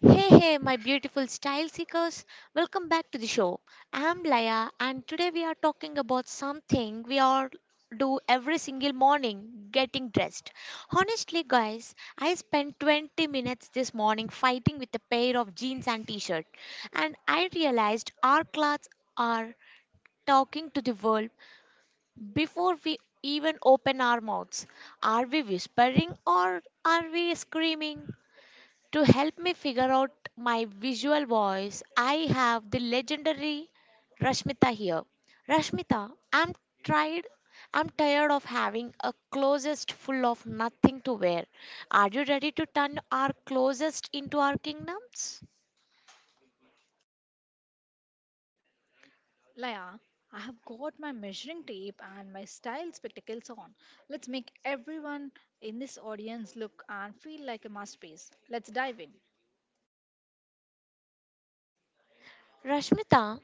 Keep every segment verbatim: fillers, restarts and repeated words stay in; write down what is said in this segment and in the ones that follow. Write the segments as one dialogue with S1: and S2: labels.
S1: Hey, hey, my beautiful style seekers. Welcome back to the show. I'm Laya, and today we are talking about something we all do every single morning, getting dressed. Honestly, guys, I spent twenty minutes this morning fighting with a pair of jeans and t shirt, and I realized our clothes are talking to the world before we even open our mouths. Are we whispering or are we screaming? To help me figure out my visual voice, I have the legendary Rashmita here. Rashmita, I'm tried I'm tired of having a closest full of nothing to wear. Are you ready to turn our closest into our kingdoms?
S2: Laya, I have got my measuring tape and my style spectacles on. Let's make everyone in this audience look and feel like a masterpiece. Let's dive in.
S1: Rashmita,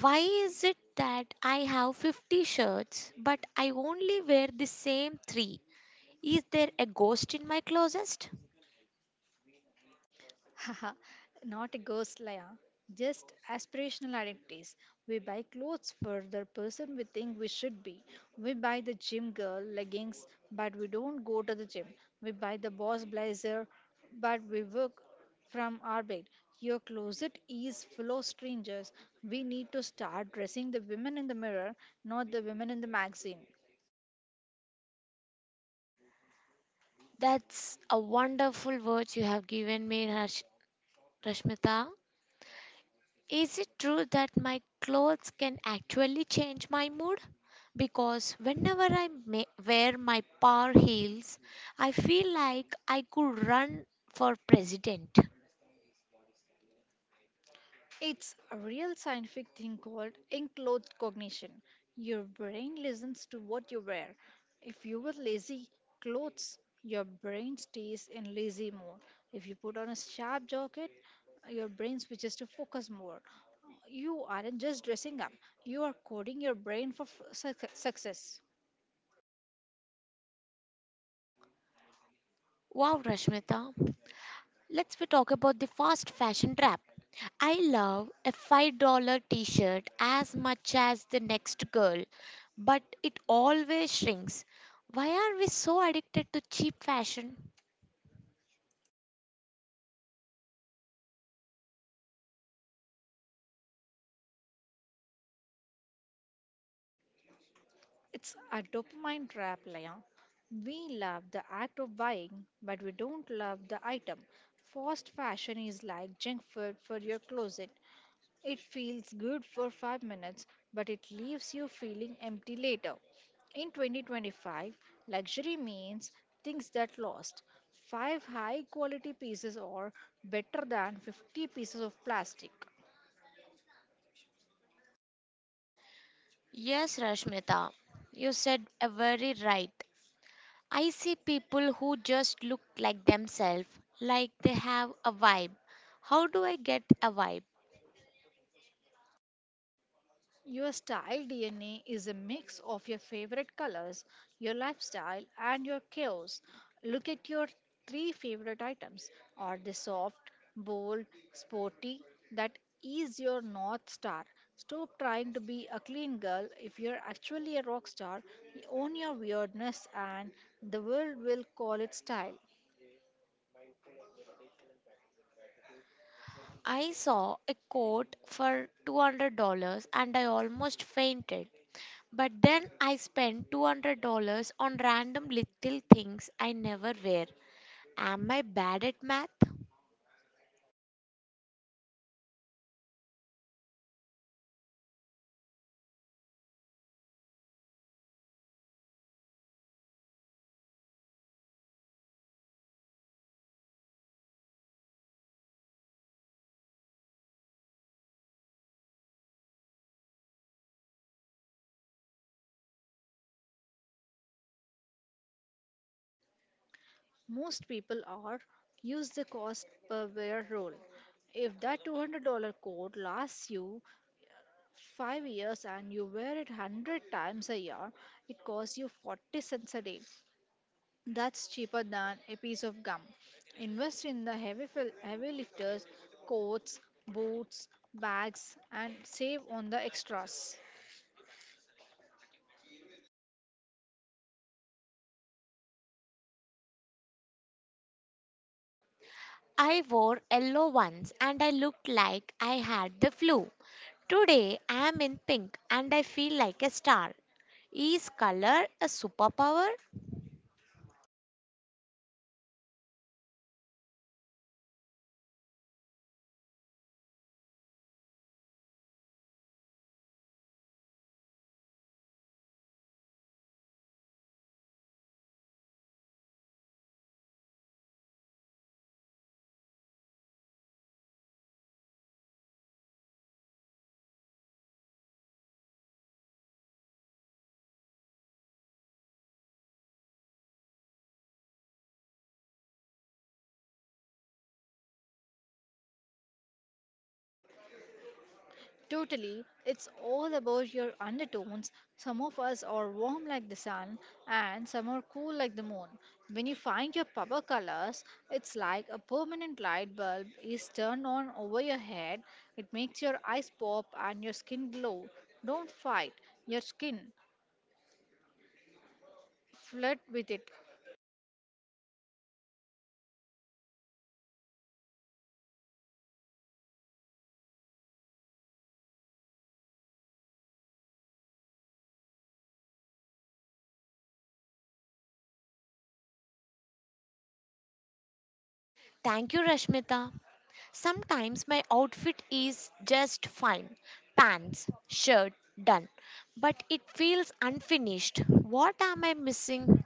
S1: why is it that I have fifty shirts but I only wear the same three? Is there a ghost in my closet?
S2: Haha, not a ghost, Laya. Just aspirational identities. We buy clothes for the person we think we should be. We buy the gym girl leggings, but we don't go to the gym. We buy the boss blazer, but we work from our bed. Your closet is full of strangers. We need to start dressing the women in the mirror, not the women in the magazine.
S1: That's a wonderful words you have given me, Rash. Rashmita, is it true that my clothes can actually change my mood? Because whenever I ma- wear my power heels, I feel like I could run for president.
S2: It's a real scientific thing called enclothed cognition. Your brain listens to what you wear. If you wear lazy clothes, your brain stays in lazy mode. If you put on a sharp jacket, your brain switches to focus mode. You aren't just dressing up, you are coding your brain for f- suc- success.
S1: Wow, Rashmita, let's we talk about the fast fashion trap. I love a five dollars t shirt as much as the next girl, but it always shrinks. Why are we so addicted to cheap fashion?
S2: It's a dopamine trap, Leon. We love the act of buying, but we don't love the item. Fast fashion is like junk food for your closet. It feels good for five minutes, but it leaves you feeling empty later. In twenty twenty-five, luxury means things that last. five high quality pieces are better than fifty pieces of plastic.
S1: Yes, Rashmita, you said a very right. I see people who just look like themselves, like they have a vibe. How do I get a vibe?
S2: Your style D N A is a mix of your favorite colors, your lifestyle, and your chaos. Look at your three favorite items. Are they soft, bold, sporty? That is your North Star. Stop trying to be a clean girl. If you're actually a rock star, own your weirdness and the world will call it style.
S1: I saw a coat for two hundred dollars and I almost fainted. But then I spent two hundred dollars on random little things I never wear. Am I bad at math?
S2: Most people are. Use the cost per wear rule. If that two hundred dollars coat lasts you five years and you wear it one hundred times a year, it costs you forty cents a day. That's cheaper than a piece of gum. Invest in the heavy, fil- heavy lifters, coats, boots, bags, and save on the extras.
S1: I wore yellow once and I looked like I had the flu. Today I am in pink and I feel like a star. Is color a superpower?
S2: Totally. It's all about your undertones. Some of us are warm like the sun, and some are cool like the moon. When you find your power colors, it's like a permanent light bulb is turned on over your head. It makes your eyes pop and your skin glow. Don't fight your skin, flirt with it.
S1: Thank you, Rashmita. Sometimes my outfit is just fine, pants, shirt, done. But it feels unfinished. What am I missing?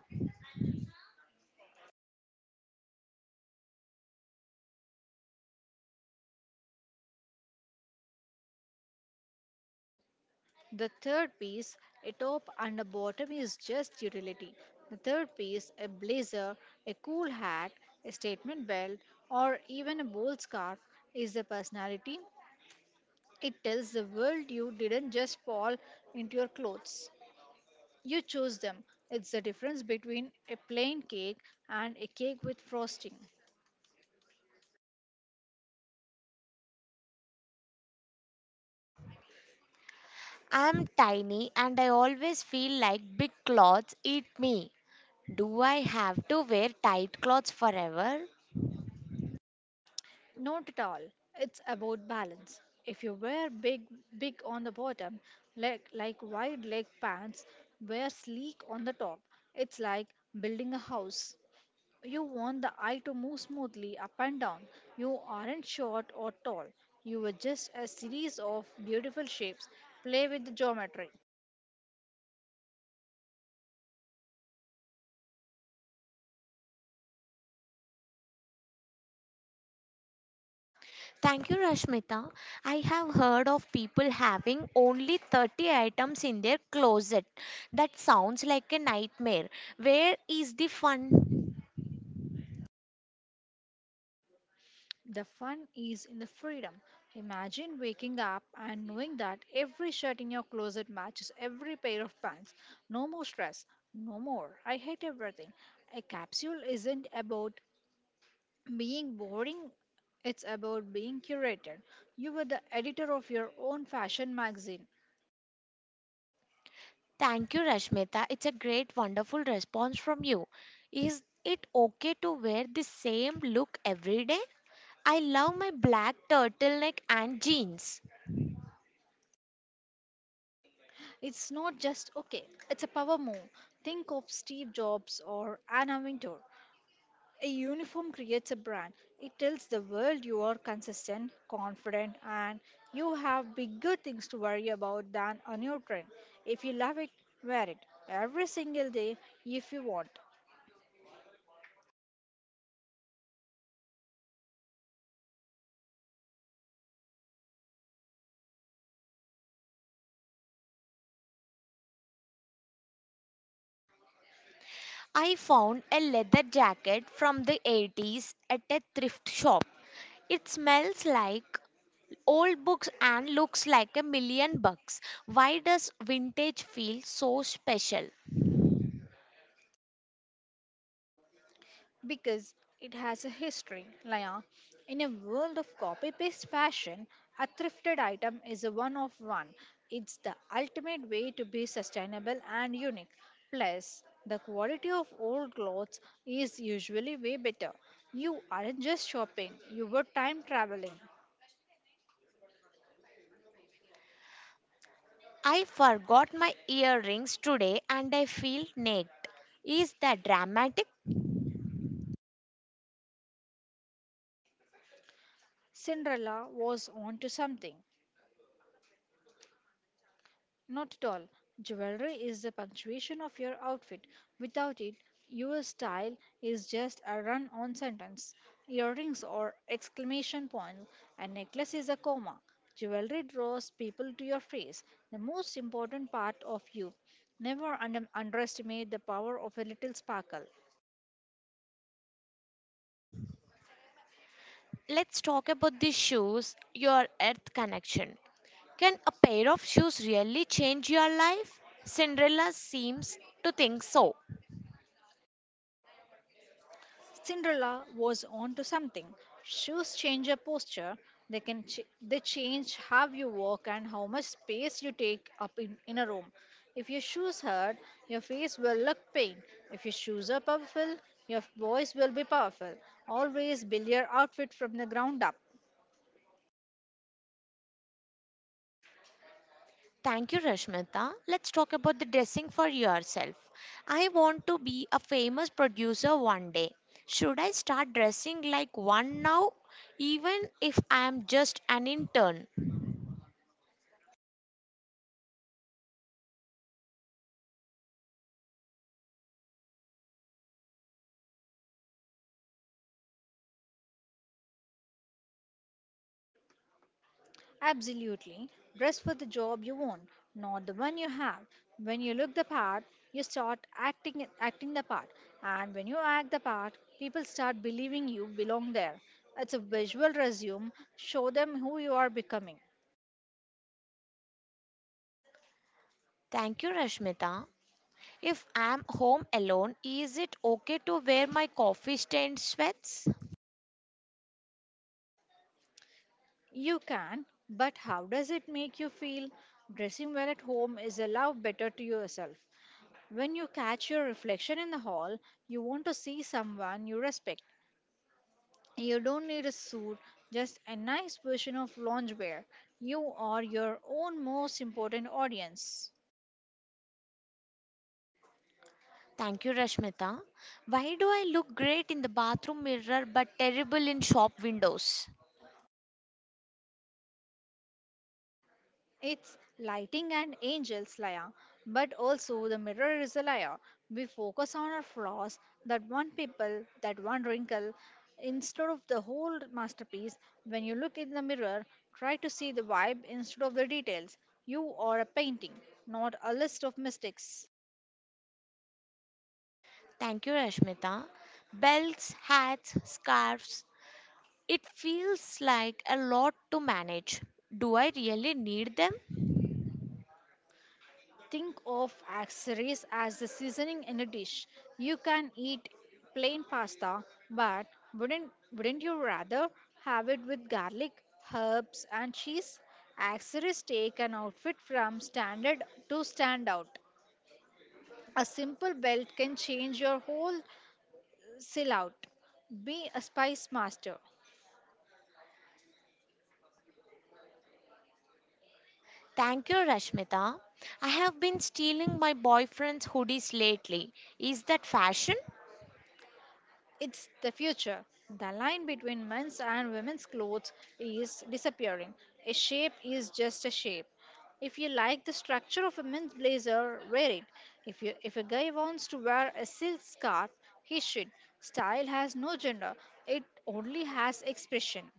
S2: The third piece, a top and a bottom, is just utility. The third piece, a blazer, a cool hat, a statement belt, or even a bold scarf, is the personality. It tells the world you didn't just fall into your clothes. You chose them. It's the difference between a plain cake and a cake with frosting.
S1: I am tiny and I always feel like big clothes eat me. Do I have to wear tight clothes forever?
S2: Not at all. It's about balance. If you wear big, big on the bottom, like, like wide leg pants, wear sleek on the top. It's like building a house. You want the eye to move smoothly up and down. You aren't short or tall. You are just a series of beautiful shapes. Play with the geometry.
S1: Thank you, Rashmita. I have heard of people having only thirty items in their closet. That sounds like a nightmare. Where is the fun?
S2: The fun is in the freedom. Imagine waking up and knowing that every shirt in your closet matches every pair of pants. No more stress. No more. I hate everything. A capsule isn't about being boring, it's about being curated. You were the editor of your own fashion magazine.
S1: Thank you, Rashmita. It's a great, wonderful response from you. Is it okay to wear the same look every day? I love my black turtleneck and jeans.
S2: It's not just okay, it's a power move. Think of Steve Jobs or Anna Wintour. A uniform creates a brand. It tells the world you are consistent, confident, and you have bigger things to worry about than a new trend. If you love it, wear it every single day if you want.
S1: I found a leather jacket from the eighties at a thrift shop. It smells like old books and looks like a million bucks. Why does vintage feel so special?
S2: Because it has a history, Laya. In a world of copy paste fashion, a thrifted item is a one of one. It's the ultimate way to be sustainable and unique. Plus, the quality of old clothes is usually way better. You aren't just shopping, you were time traveling.
S1: I forgot my earrings today and I feel naked. Is that dramatic?
S2: Cinderella was onto something. Not at all. Jewelry is the punctuation of your outfit. Without it, your style is just a run on sentence. Earrings are exclamation points, a necklace is a comma. Jewelry draws people to your face, the most important part of you. Never under- underestimate the power of a little sparkle.
S1: Let's talk about the shoes, your earth connection. Can a pair of shoes really change your life? Cinderella seems to think so.
S2: Cinderella was onto something. Shoes change your posture. They can ch- they change how you walk and how much space you take up in, in a room. If your shoes hurt, your face will look pain. If your shoes are powerful, your voice will be powerful. Always build your outfit from the ground up.
S1: Thank you, Rashmita. Let's talk about the dressing for yourself. I want to be a famous producer one day. Should I start dressing like one now, even if I am just an intern?
S2: Absolutely. Dress for the job you want, not the one you have. When you look the part, you start acting acting the part. And when you act the part, people start believing you belong there. It's a visual resume. Show them who you are becoming.
S1: Thank you, Rashmita. If I am home alone, is it okay to wear my coffee stained sweats?
S2: You can, but how does it make you feel? Dressing well at home is a love better to yourself. When you catch your reflection in the hall, you want to see someone you respect. You don't need a suit, just a nice version of loungewear. You are your own most important audience.
S1: Thank you, Rashmita. Why do I look great in the bathroom mirror but terrible in shop windows?
S2: It's lighting and angels, Laya, but also the mirror is a liar. We focus on our flaws, that one pimple, that one wrinkle, instead of the whole masterpiece. When you look in the mirror, try to see the vibe instead of the details. You are a painting, not a list of mistakes.
S1: Thank you, Rashmita. Belts, hats, scarves, it feels like a lot to manage. Do I really need them?
S2: Think of accessories as the seasoning in a dish. You can eat plain pasta, but wouldn't wouldn't you rather have it with garlic, herbs, and cheese? Accessories take an outfit from standard to stand out. A simple belt can change your whole sell out. Be a spice master.
S1: Thank you, Rashmita. I have been stealing my boyfriend's hoodies lately. Is that fashion?
S2: It's the future. The line between men's and women's clothes is disappearing. A shape is just a shape. If you like the structure of a men's blazer, wear it. If, you, if a guy wants to wear a silk scarf, he should. Style has no gender, it only has expression.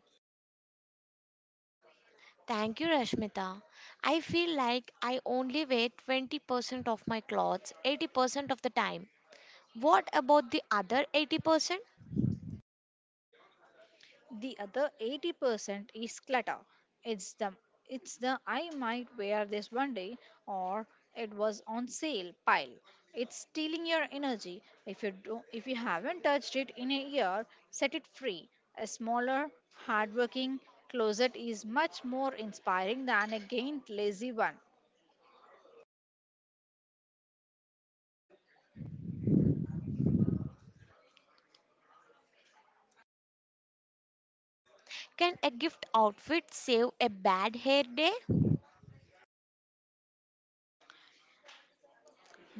S1: Thank you, Rashmita. I feel like I only wear twenty percent of my clothes eighty percent of the time. What about the other eighty percent?
S2: The other eighty percent is clutter. It's the it's the I might wear this one day or it was on sale pile. It's stealing your energy. If you do, if you haven't touched it in a year, set it free. A smaller, hardworking closet is much more inspiring than a gained lazy one.
S1: Can a gift outfit save a bad hair day?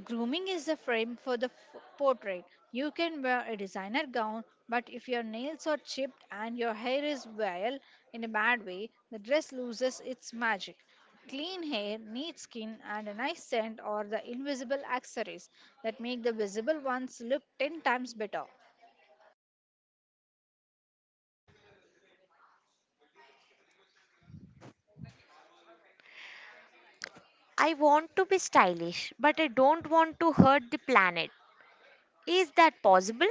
S2: Grooming is the frame for the f- portrait. You can wear a designer gown, but if your nails are chipped and your hair is vile in a bad way, the dress loses its magic. Clean hair, neat skin, and a nice scent are the invisible accessories that make the visible ones look ten times better.
S1: I want to be stylish, but I don't want to hurt the planet. Is that possible?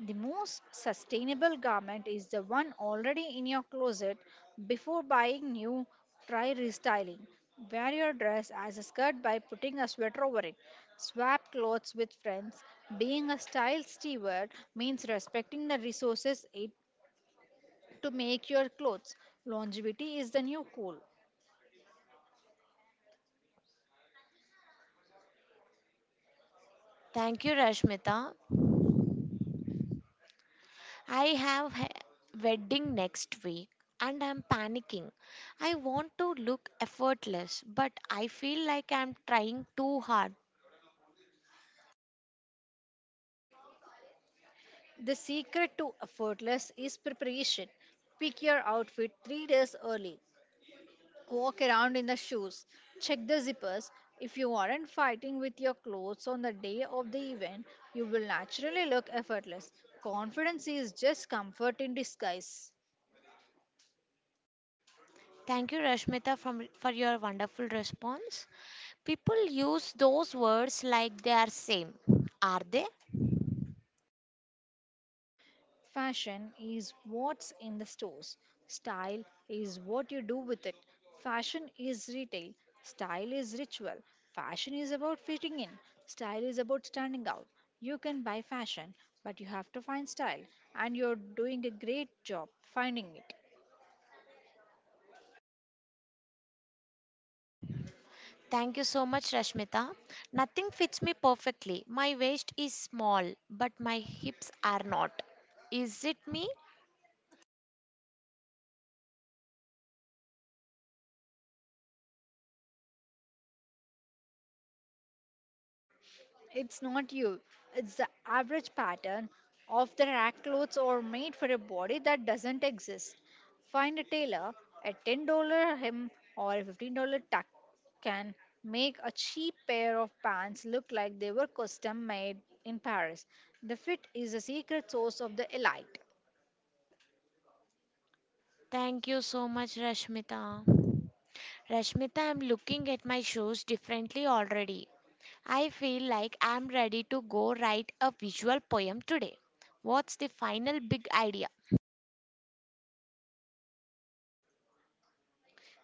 S2: The most sustainable garment is the one already in your closet. Before buying new, try restyling. Wear your dress as a skirt by putting a sweater over it. Swap clothes with friends. Being a style steward means respecting the resources it to make your clothes. Longevity is the new cool.
S1: Thank you, Rashmita. I have a wedding next week and I'm panicking. I want to look effortless, but I feel like I'm trying too hard.
S2: The secret to effortless is preparation. Pick your outfit three days early. Walk around in the shoes. Check the zippers. If you aren't fighting with your clothes on the day of the event, you will naturally look effortless. Confidence is just comfort in disguise.
S1: Thank you, Rashmita, from, for your wonderful response. People use those words like they are same. Are they?
S2: Fashion is what's in the stores. Style is what you do with it. Fashion is retail. Style is ritual. Fashion is about fitting in. Style is about standing out. You can buy fashion, but you have to find style, and you're doing a great job finding it.
S1: Thank you so much, Rashmita. Nothing fits me perfectly. My waist is small, but my hips are not. Is it me?
S2: It's not you. It's the average pattern of the rack clothes or made for a body that doesn't exist. Find a tailor, a ten dollars hem or a fifteen dollars tuck can make a cheap pair of pants look like they were custom made in Paris. The fit is the secret source of the elite.
S1: Thank you so much, Rashmita. Rashmita, I'm looking at my shoes differently already. I feel like I'm ready to go write a visual poem today. What's the final big idea?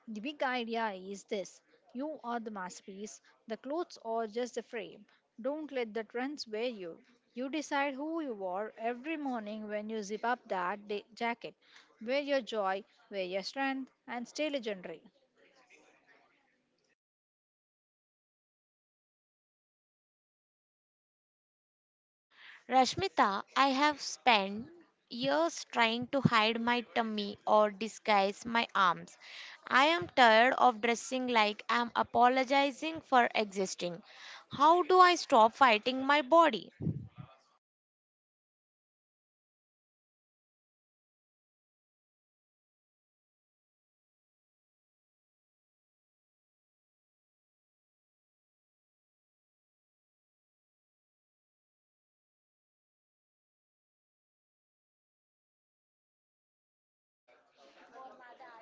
S2: The big idea is this you are the masterpiece, the clothes are just a frame. Don't let the trends wear you. You decide who you are every morning when you zip up that da- jacket. Wear your joy, wear your strength, and stay legendary.
S1: Rashmita, I have spent years trying to hide my tummy or disguise my arms. I am tired of dressing like I'm apologizing for existing. How do I stop fighting my body?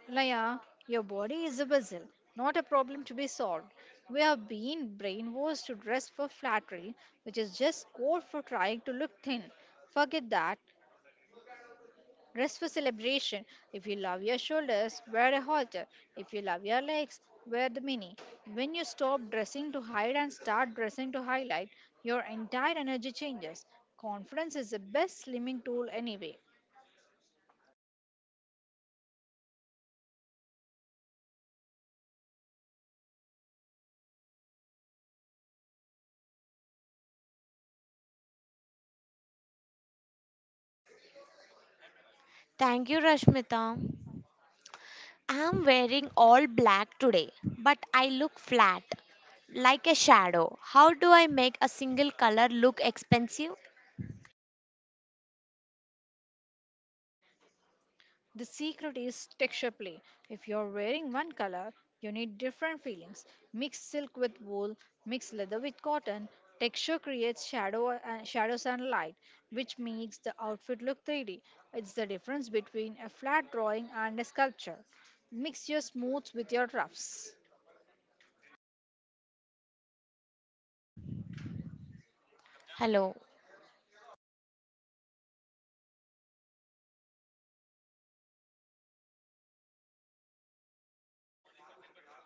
S2: Laya, your body is a puzzle, not a problem to be solved. We have been brainwashed to dress for flattery, which is just code for trying to look thin. Forget that. Rest for celebration. If you love your shoulders, wear a halter. If you love your legs, wear the mini. When you stop dressing to hide and start dressing to highlight, your entire energy changes. Confidence is the best slimming tool anyway.
S1: Thank you, Rashmita. I'm wearing all black today, but I look flat, like a shadow. How do I make a single color look expensive?
S2: The secret is texture play. If you're wearing one color, you need different feelings. Mix silk with wool, mix leather with cotton. Texture creates shadow and shadows and light, which makes the outfit look three D. It's the difference between a flat drawing and a sculpture. Mix your smooths with your roughs.
S1: Hello.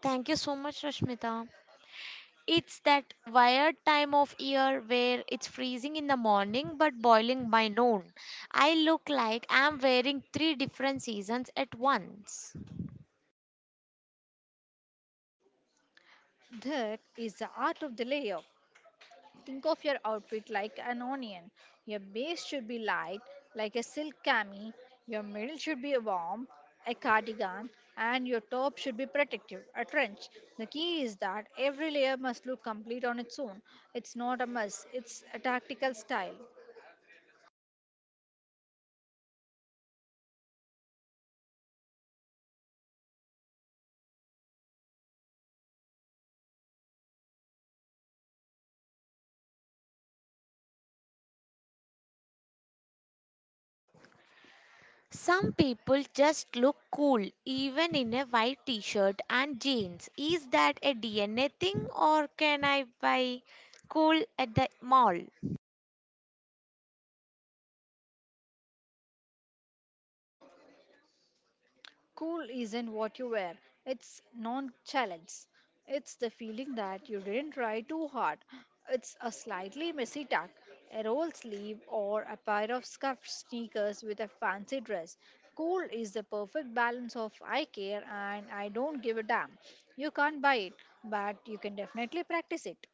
S1: Thank you so much, Rashmita. It's that weird time of year where it's freezing in the morning but boiling by noon. I look like I'm wearing three different seasons at once.
S2: That is the art of the layer. Think of your outfit like an onion. Your base should be light, like a silk cami. Your middle should be warm, a cardigan, and your top should be protective, a trench. The key is that every layer must look complete on its own. It's not a must, it's a tactical style.
S1: Some people just look cool even in a white t-shirt and jeans. Is that a D N A thing or can I buy cool at the mall?
S2: Cool isn't what you wear, it's nonchalance. It's the feeling that you didn't try too hard. It's a slightly messy tuck, a roll sleeve, or a pair of scuffed sneakers with a fancy dress. Cool is the perfect balance of I care and I don't give a damn. You can't buy it, but you can definitely practice it.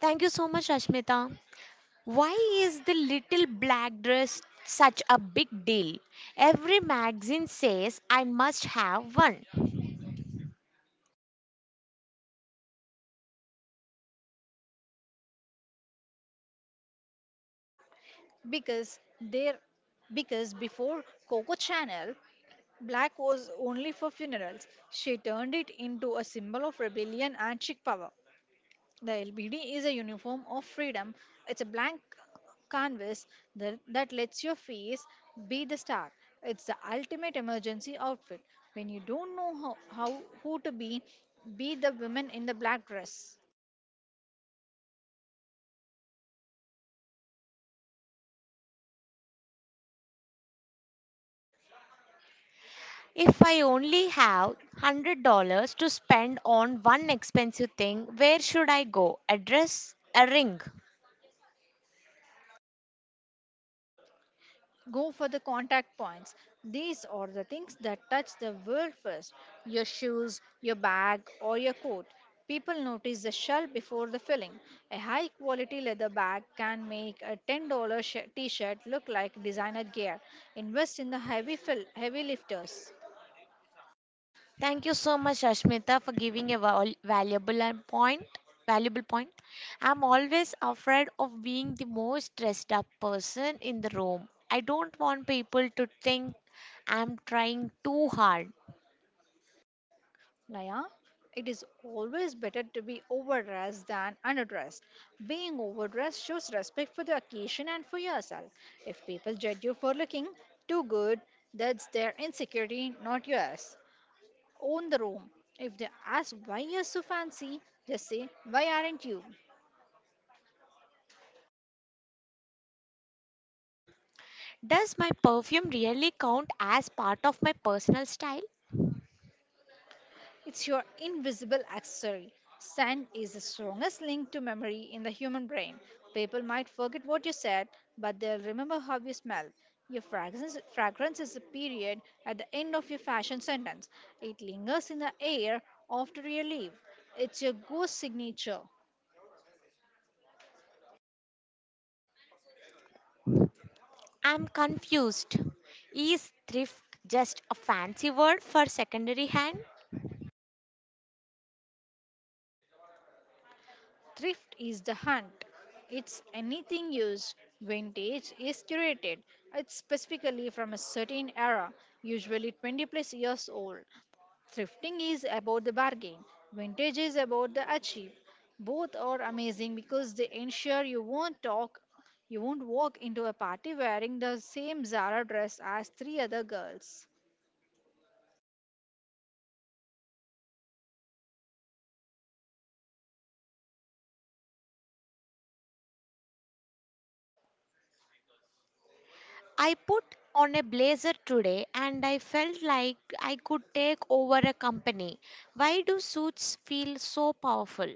S1: Thank you so much, Ashmita. Why is the little black dress such a big deal? Every magazine says I must have one.
S2: because there because before Coco channel black was only for funerals. She turned it into a symbol of rebellion and chic power. The L B D is a uniform of freedom. It's a blank canvas that, that lets your face be the star. It's the ultimate emergency outfit when you don't know how, how who to be. Be the woman in the black dress.
S1: If I only have one hundred dollars to spend on one expensive thing, where should I go? A dress? A ring?
S2: Go for the contact points. These are the things that touch the world first: your shoes, your bag, or your coat. People notice the shell before the filling. A high quality leather bag can make a ten dollars sh- t shirt look like designer gear. Invest in the heavy, fill- heavy lifters.
S1: Thank you so much, Ashmita, for giving a val- valuable and point. Valuable point. I'm always afraid of being the most dressed up person in the room. I don't want people to think I'm trying too hard.
S2: Laya, it is always better to be overdressed than underdressed. Being overdressed shows respect for the occasion and for yourself. If people judge you for looking too good, that's their insecurity, not yours. Own the room. If they ask why you're so fancy, just say, "Why aren't you?"
S1: Does my perfume really count as part of my personal style?
S2: It's your invisible accessory. Scent is the strongest link to memory in the human brain. People might forget what you said, but they'll remember how you smell. Your fragrance, fragrance is a period at the end of your fashion sentence. It lingers in the air after you leave. It's your ghost signature.
S1: I'm confused. Is thrift just a fancy word for secondary hand?
S2: Thrift is the hunt. It's anything used. Vintage is curated. It's specifically from a certain era, usually twenty plus years old. Thrifting is about the bargain. Vintage is about the achieve. Both are amazing because they ensure you won't talk you won't walk into a party wearing the same Zara dress as three other girls.
S1: I put on a blazer today and I felt like I could take over a company. Why do suits feel so powerful?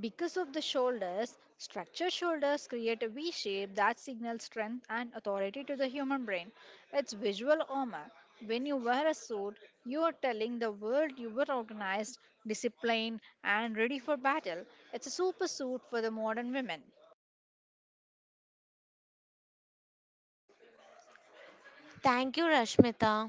S2: Because of the shoulders, structured shoulders create a V shape that signals strength and authority to the human brain. It's visual armor. When you wear a suit, you are telling the world you were organized, disciplined, and ready for battle. It's a super suit for the modern women.
S1: Thank you, Rashmita.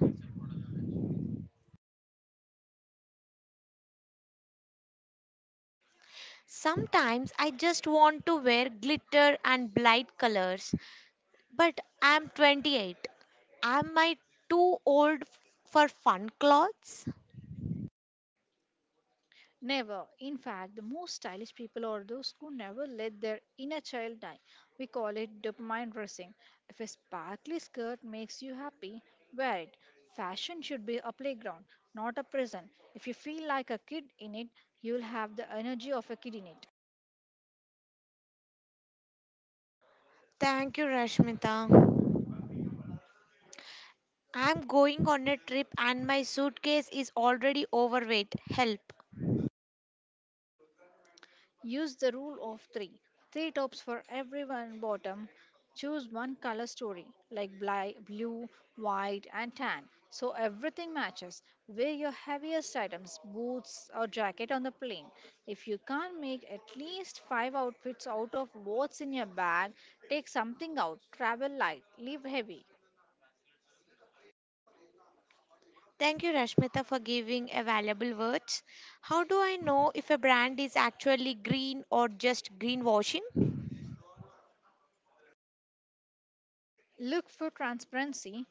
S1: Sometimes I just want to wear glitter and bright colors, but I'm twenty-eight. Am I too old f- for fun clothes?
S2: Never. In fact, the most stylish people are those who never let their inner child die. We call it dopamine dressing. If a sparkly skirt makes you happy, wear it. Fashion should be a playground, not a prison. If you feel like a kid in it, you'll have the energy of a kid in it.
S1: Thank you, Rashmita. I'm going on a trip and my suitcase is already overweight. Help.
S2: Use the rule of three: three tops for everyone bottom. Choose one color story like bli- blue, white, and tan so everything matches. Wear your heaviest items, boots, or jacket on the plane. If you can't make at least five outfits out of what's in your bag, take something out. Travel light, live heavy.
S1: Thank you, Rashmita, for giving a valuable words. How do I know if a brand is actually green or just greenwashing?
S2: Look for transparency.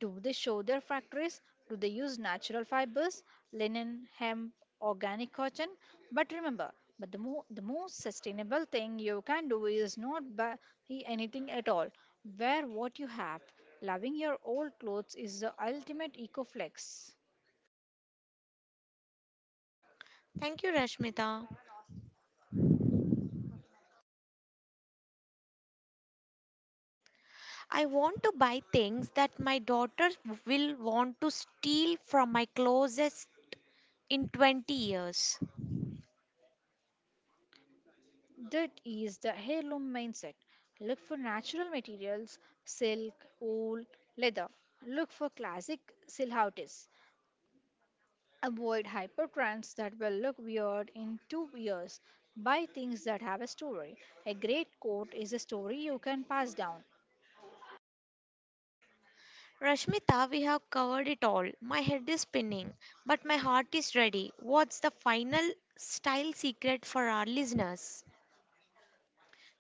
S2: Do they show their factories? Do they use natural fibers, linen, hemp, organic cotton? But remember, but the, mo- the most sustainable thing you can do is not buy anything at all. Wear what you have. Loving your old clothes is the ultimate eco flex.
S1: Thank you, Rashmita. I want to buy things that my daughter will want to steal from my closets in twenty years.
S2: That is the heirloom mindset. Look for natural materials, silk, wool, leather. Look for classic silhouettes. Avoid hypertrends that will look weird in two years. Buy things that have a story. A great coat is a story you can pass down.
S1: Rashmita, we have covered it all. My head is spinning, but my heart is ready. What's the final style secret for our listeners?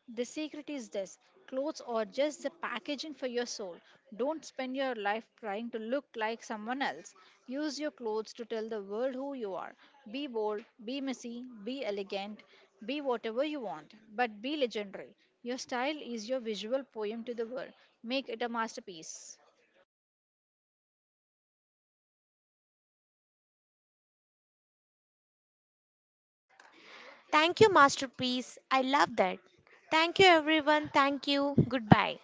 S2: The secret is this: clothes are just the packaging for your soul. Don't spend your life trying to look like someone else. Use your clothes to tell the world who you are. Be bold, be messy, be elegant, be whatever you want, but be legendary. Your style is your visual poem to the world. Make it a masterpiece.
S1: Thank you, Masterpiece. I love that. Thank you, everyone. Thank you. Goodbye.